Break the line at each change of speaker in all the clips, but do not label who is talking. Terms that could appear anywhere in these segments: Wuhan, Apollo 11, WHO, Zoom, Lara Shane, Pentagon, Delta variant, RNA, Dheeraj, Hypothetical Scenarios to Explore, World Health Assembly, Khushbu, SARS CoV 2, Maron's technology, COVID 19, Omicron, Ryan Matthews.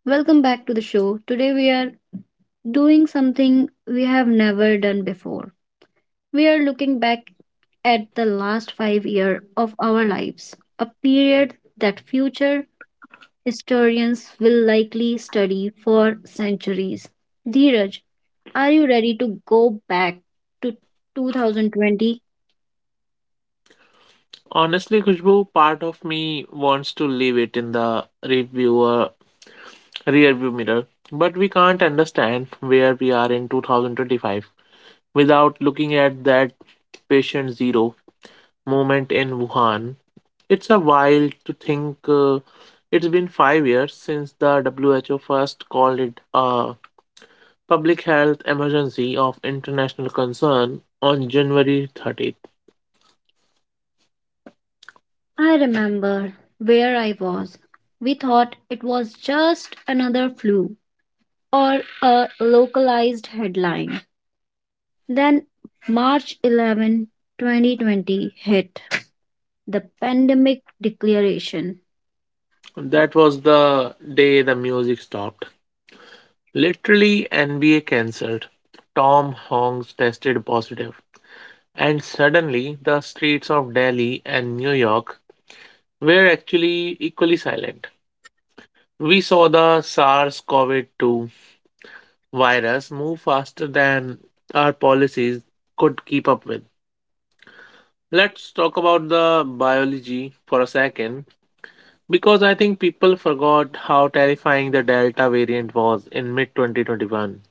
Welcome back to the show. Today we are doing something we have never done before. We are looking back at the last 5 year of our lives, a period that future historians will likely study for centuries. Dheeraj, are you ready to go back to 2020?
Honestly, Khushbu, part of me wants to leave it in the reviewer rearview mirror, but we can't understand where we are in 2025 without looking at that patient zero moment in Wuhan. It's a while to think. It's been 5 years since the WHO first called it a public health emergency of international concern on January 30th.
I remember where I was. We thought it was just another flu or a localized headline. Then March 11, 2020 hit the pandemic declaration.
That was the day the music stopped. Literally, NBA cancelled. Tom Hanks tested positive. And suddenly, the streets of Delhi and New York were actually equally silent. We saw the SARS CoV 2 virus move faster than our policies could keep up with. Let's talk about the biology for a second because I think people forgot how terrifying the Delta variant was in mid 2021.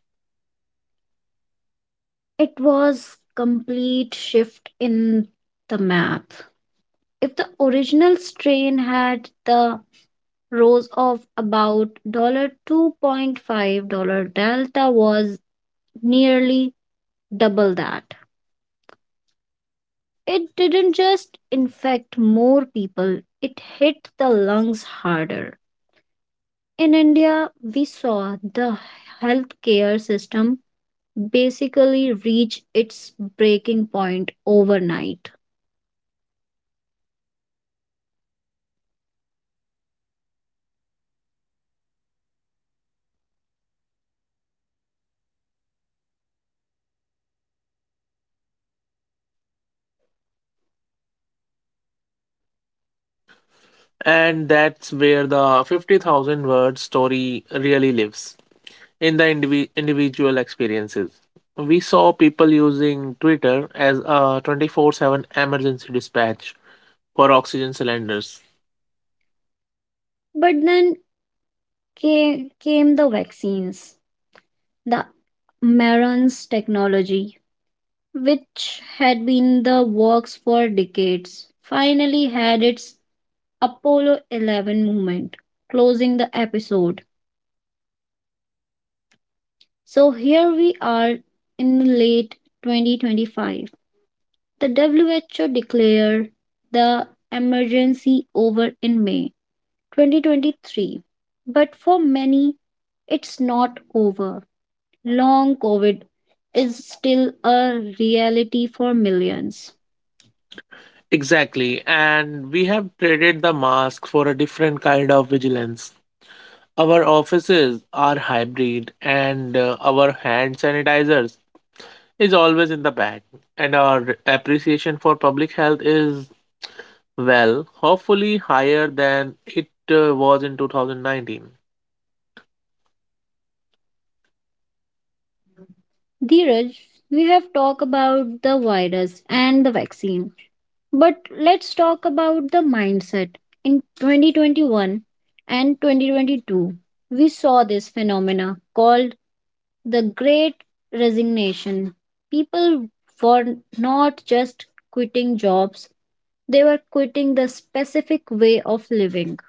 It was complete shift in the map. If the original strain had the rose of about dollar 2.5 dollar delta was nearly double that. It didn't just infect more people, it hit the lungs harder. In India, we saw the healthcare system basically reach its breaking point overnight.
And that's where the 50,000 word story really lives in the individual experiences. We saw people using Twitter as a 24/7 emergency dispatch for oxygen cylinders.
But then came the vaccines, the Maron's technology, which had been the works for decades, finally had its Apollo 11 moment, closing the episode. So here we are in late 2025. The WHO declared the emergency over in May 2023. But for many, it's not over. Long COVID is still a reality for millions.
Exactly. And we have traded the mask for a different kind of vigilance. Our offices are hybrid, and our hand sanitizers is always in the bag, and our appreciation for public health is, well, hopefully higher than it was in 2019.
Dheeraj, we have talked about the virus and the vaccine, but let's talk about the mindset. In 2021 and 2022, we saw this phenomena called the great resignation. People were not just quitting jobs, they were quitting the specific way of living.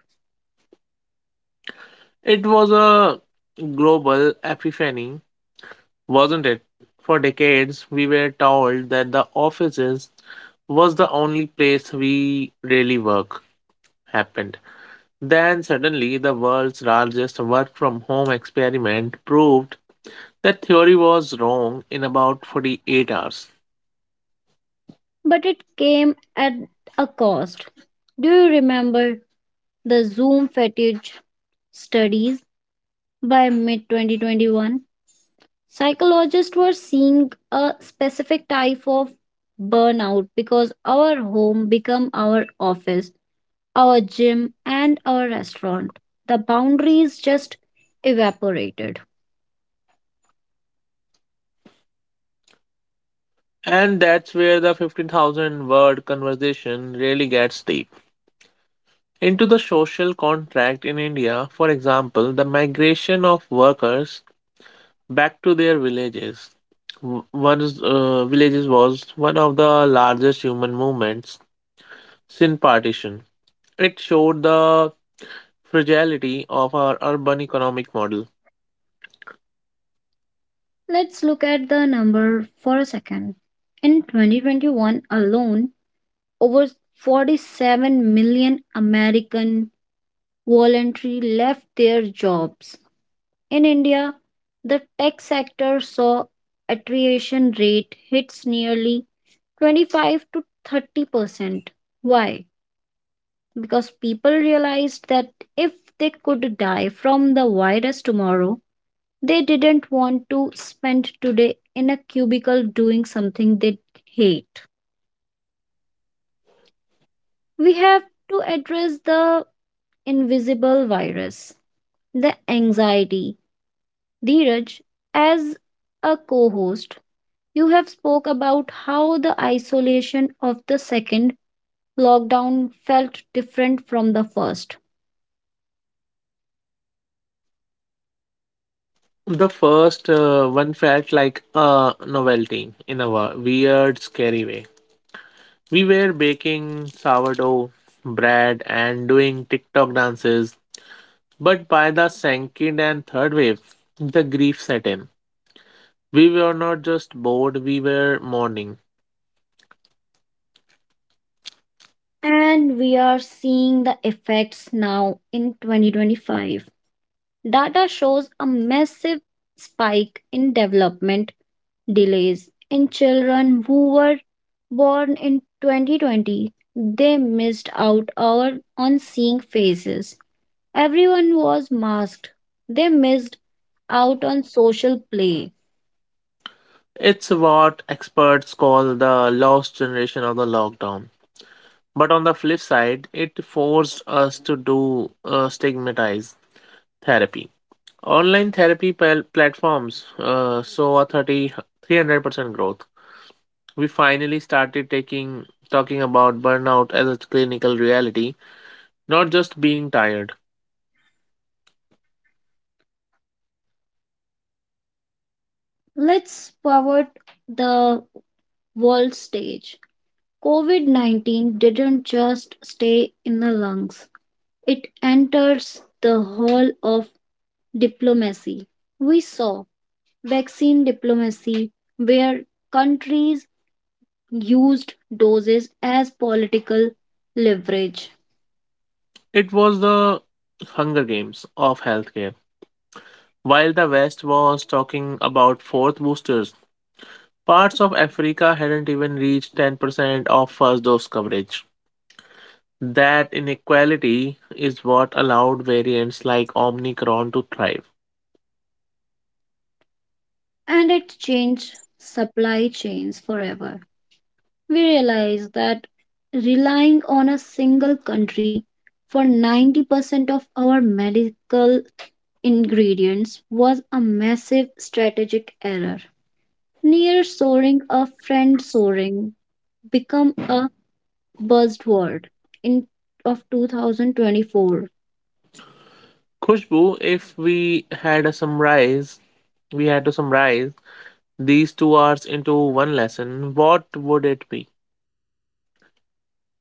It was a global epiphany, wasn't it? For decades, we were told that the offices was the only place we really work happened. Then suddenly, the world's largest work from home experiment proved that theory was wrong in about 48 hours.
But it came at a cost. Do you remember the Zoom fatigue studies by mid 2021? Psychologists were seeing a specific type of burnout because our home became our office, our gym, and our restaurant. The boundaries just evaporated.
And that's where the 50,000 word conversation really gets deep into the social contract in India, for example, the migration of workers back to their villages. Once villages was one of the largest human movements since partition. It showed the fragility of our urban economic model.
Let's look at the number for a second. In 2021 alone, over 47 million American voluntary left their jobs. In India, the tech sector saw attrition rate hits nearly 25 to 30%. Why? Because people realized that if they could die from the virus tomorrow, they didn't want to spend today in a cubicle doing something they hate. We have to address the invisible virus, the anxiety. Dheeraj, as a co-host, you have spoke about how the isolation of the second lockdown felt different from the first.
The first one felt like a novelty in a weird, scary way. We were baking sourdough bread and doing TikTok dances. But by the second and third wave, the grief set in. We were not just bored, we were mourning.
And we are seeing the effects now in 2025. Data shows a massive spike in development delays in children who were born in 2020. They missed on seeing faces. Everyone was masked. They missed out on social play.
It's what experts call the lost generation of the lockdown. But on the flip side, it forced us to do stigmatized therapy. Online therapy platforms saw a 300% growth. We finally started taking talking about burnout as a clinical reality, not just being tired.
Let's forward the world stage. COVID 19 didn't just stay in the lungs. It enters the hall of diplomacy. We saw vaccine diplomacy, where countries used doses as political leverage,
It was the Hunger Games of healthcare. While the West was talking about fourth boosters, parts of Africa hadn't even reached 10% of first dose coverage. That inequality is what allowed variants like Omicron to thrive.
and it changed supply chains forever. We realized that relying on a single country for 90% of our medical ingredients was a massive strategic error. Near soaring, a friend soaring become a buzzword in of 2024.
Khushbu, if we had to summarize these 2 hours into one lesson, what would it be?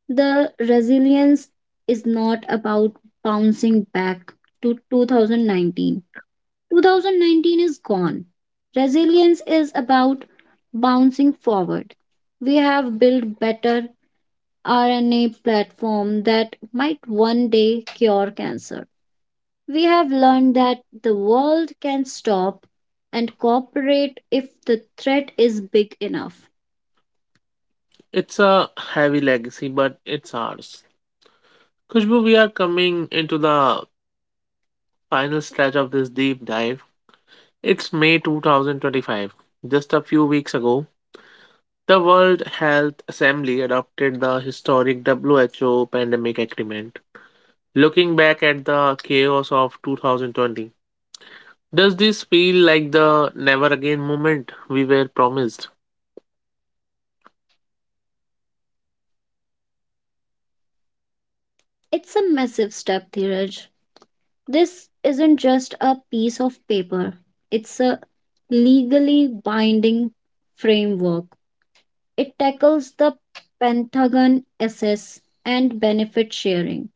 The resilience is not about bouncing back to 2019. 2019 is gone. Resilience is about bouncing forward. We have built better RNA platform that might one day cure cancer. We have learned that the world can stop and cooperate if the threat is big enough.
It's a heavy legacy, but it's ours. Khushbu, we are coming into the final stretch of this deep dive. It's May 2025. Just a few weeks ago, the World Health Assembly adopted the historic WHO pandemic agreement. Looking back at the chaos of 2020, does this feel like the never again moment we were promised?
It's a massive step, Dheeraj. This isn't just a piece of paper, it's a legally binding framework. It tackles the Pentagon assess and benefit sharing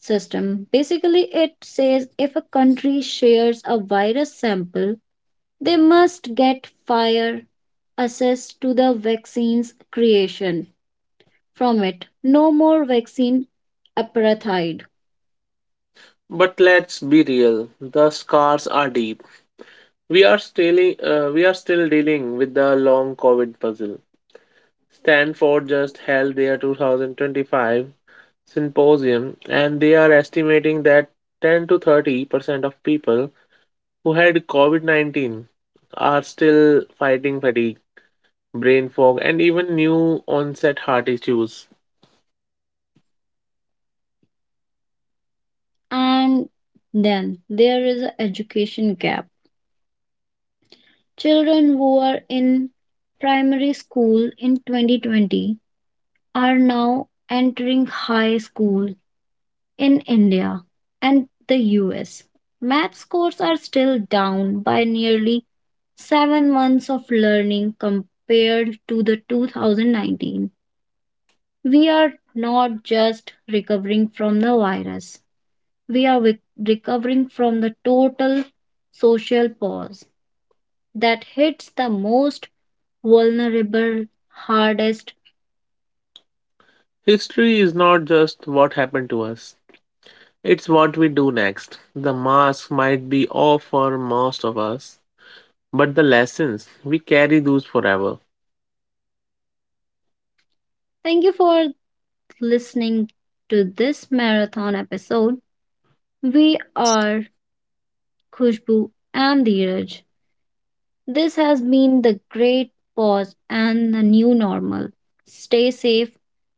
system. Basically, it says if a country shares a virus sample, they must get fire access to the vaccine's creation from it. No more vaccine apartheid.
But let's be real, the scars are deep. We are still dealing with the long COVID puzzle. Stanford just held their 2025 symposium, and they are estimating that 10 to 30% of people who had COVID 19 are still fighting fatigue, brain fog, and even new onset heart issues.
And then there is an education gap. Children who are in primary school in 2020 are now entering high school in India and the US. Math scores are still down by nearly 7 months of learning compared to the 2019. We are not just recovering from the virus, we are recovering from the total social pause that hits the most vulnerable hardest.
History is not just what happened to us, it's what we do next. The mask might be off for most of us, but the lessons, we carry those forever.
Thank you for listening to this marathon episode. We are Khushbu, and Dheeraj. This has been the great pause and the new normal. Stay safe,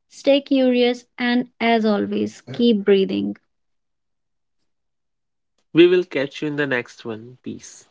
stay curious, and as always, keep breathing.
We will catch you in the next one. Peace.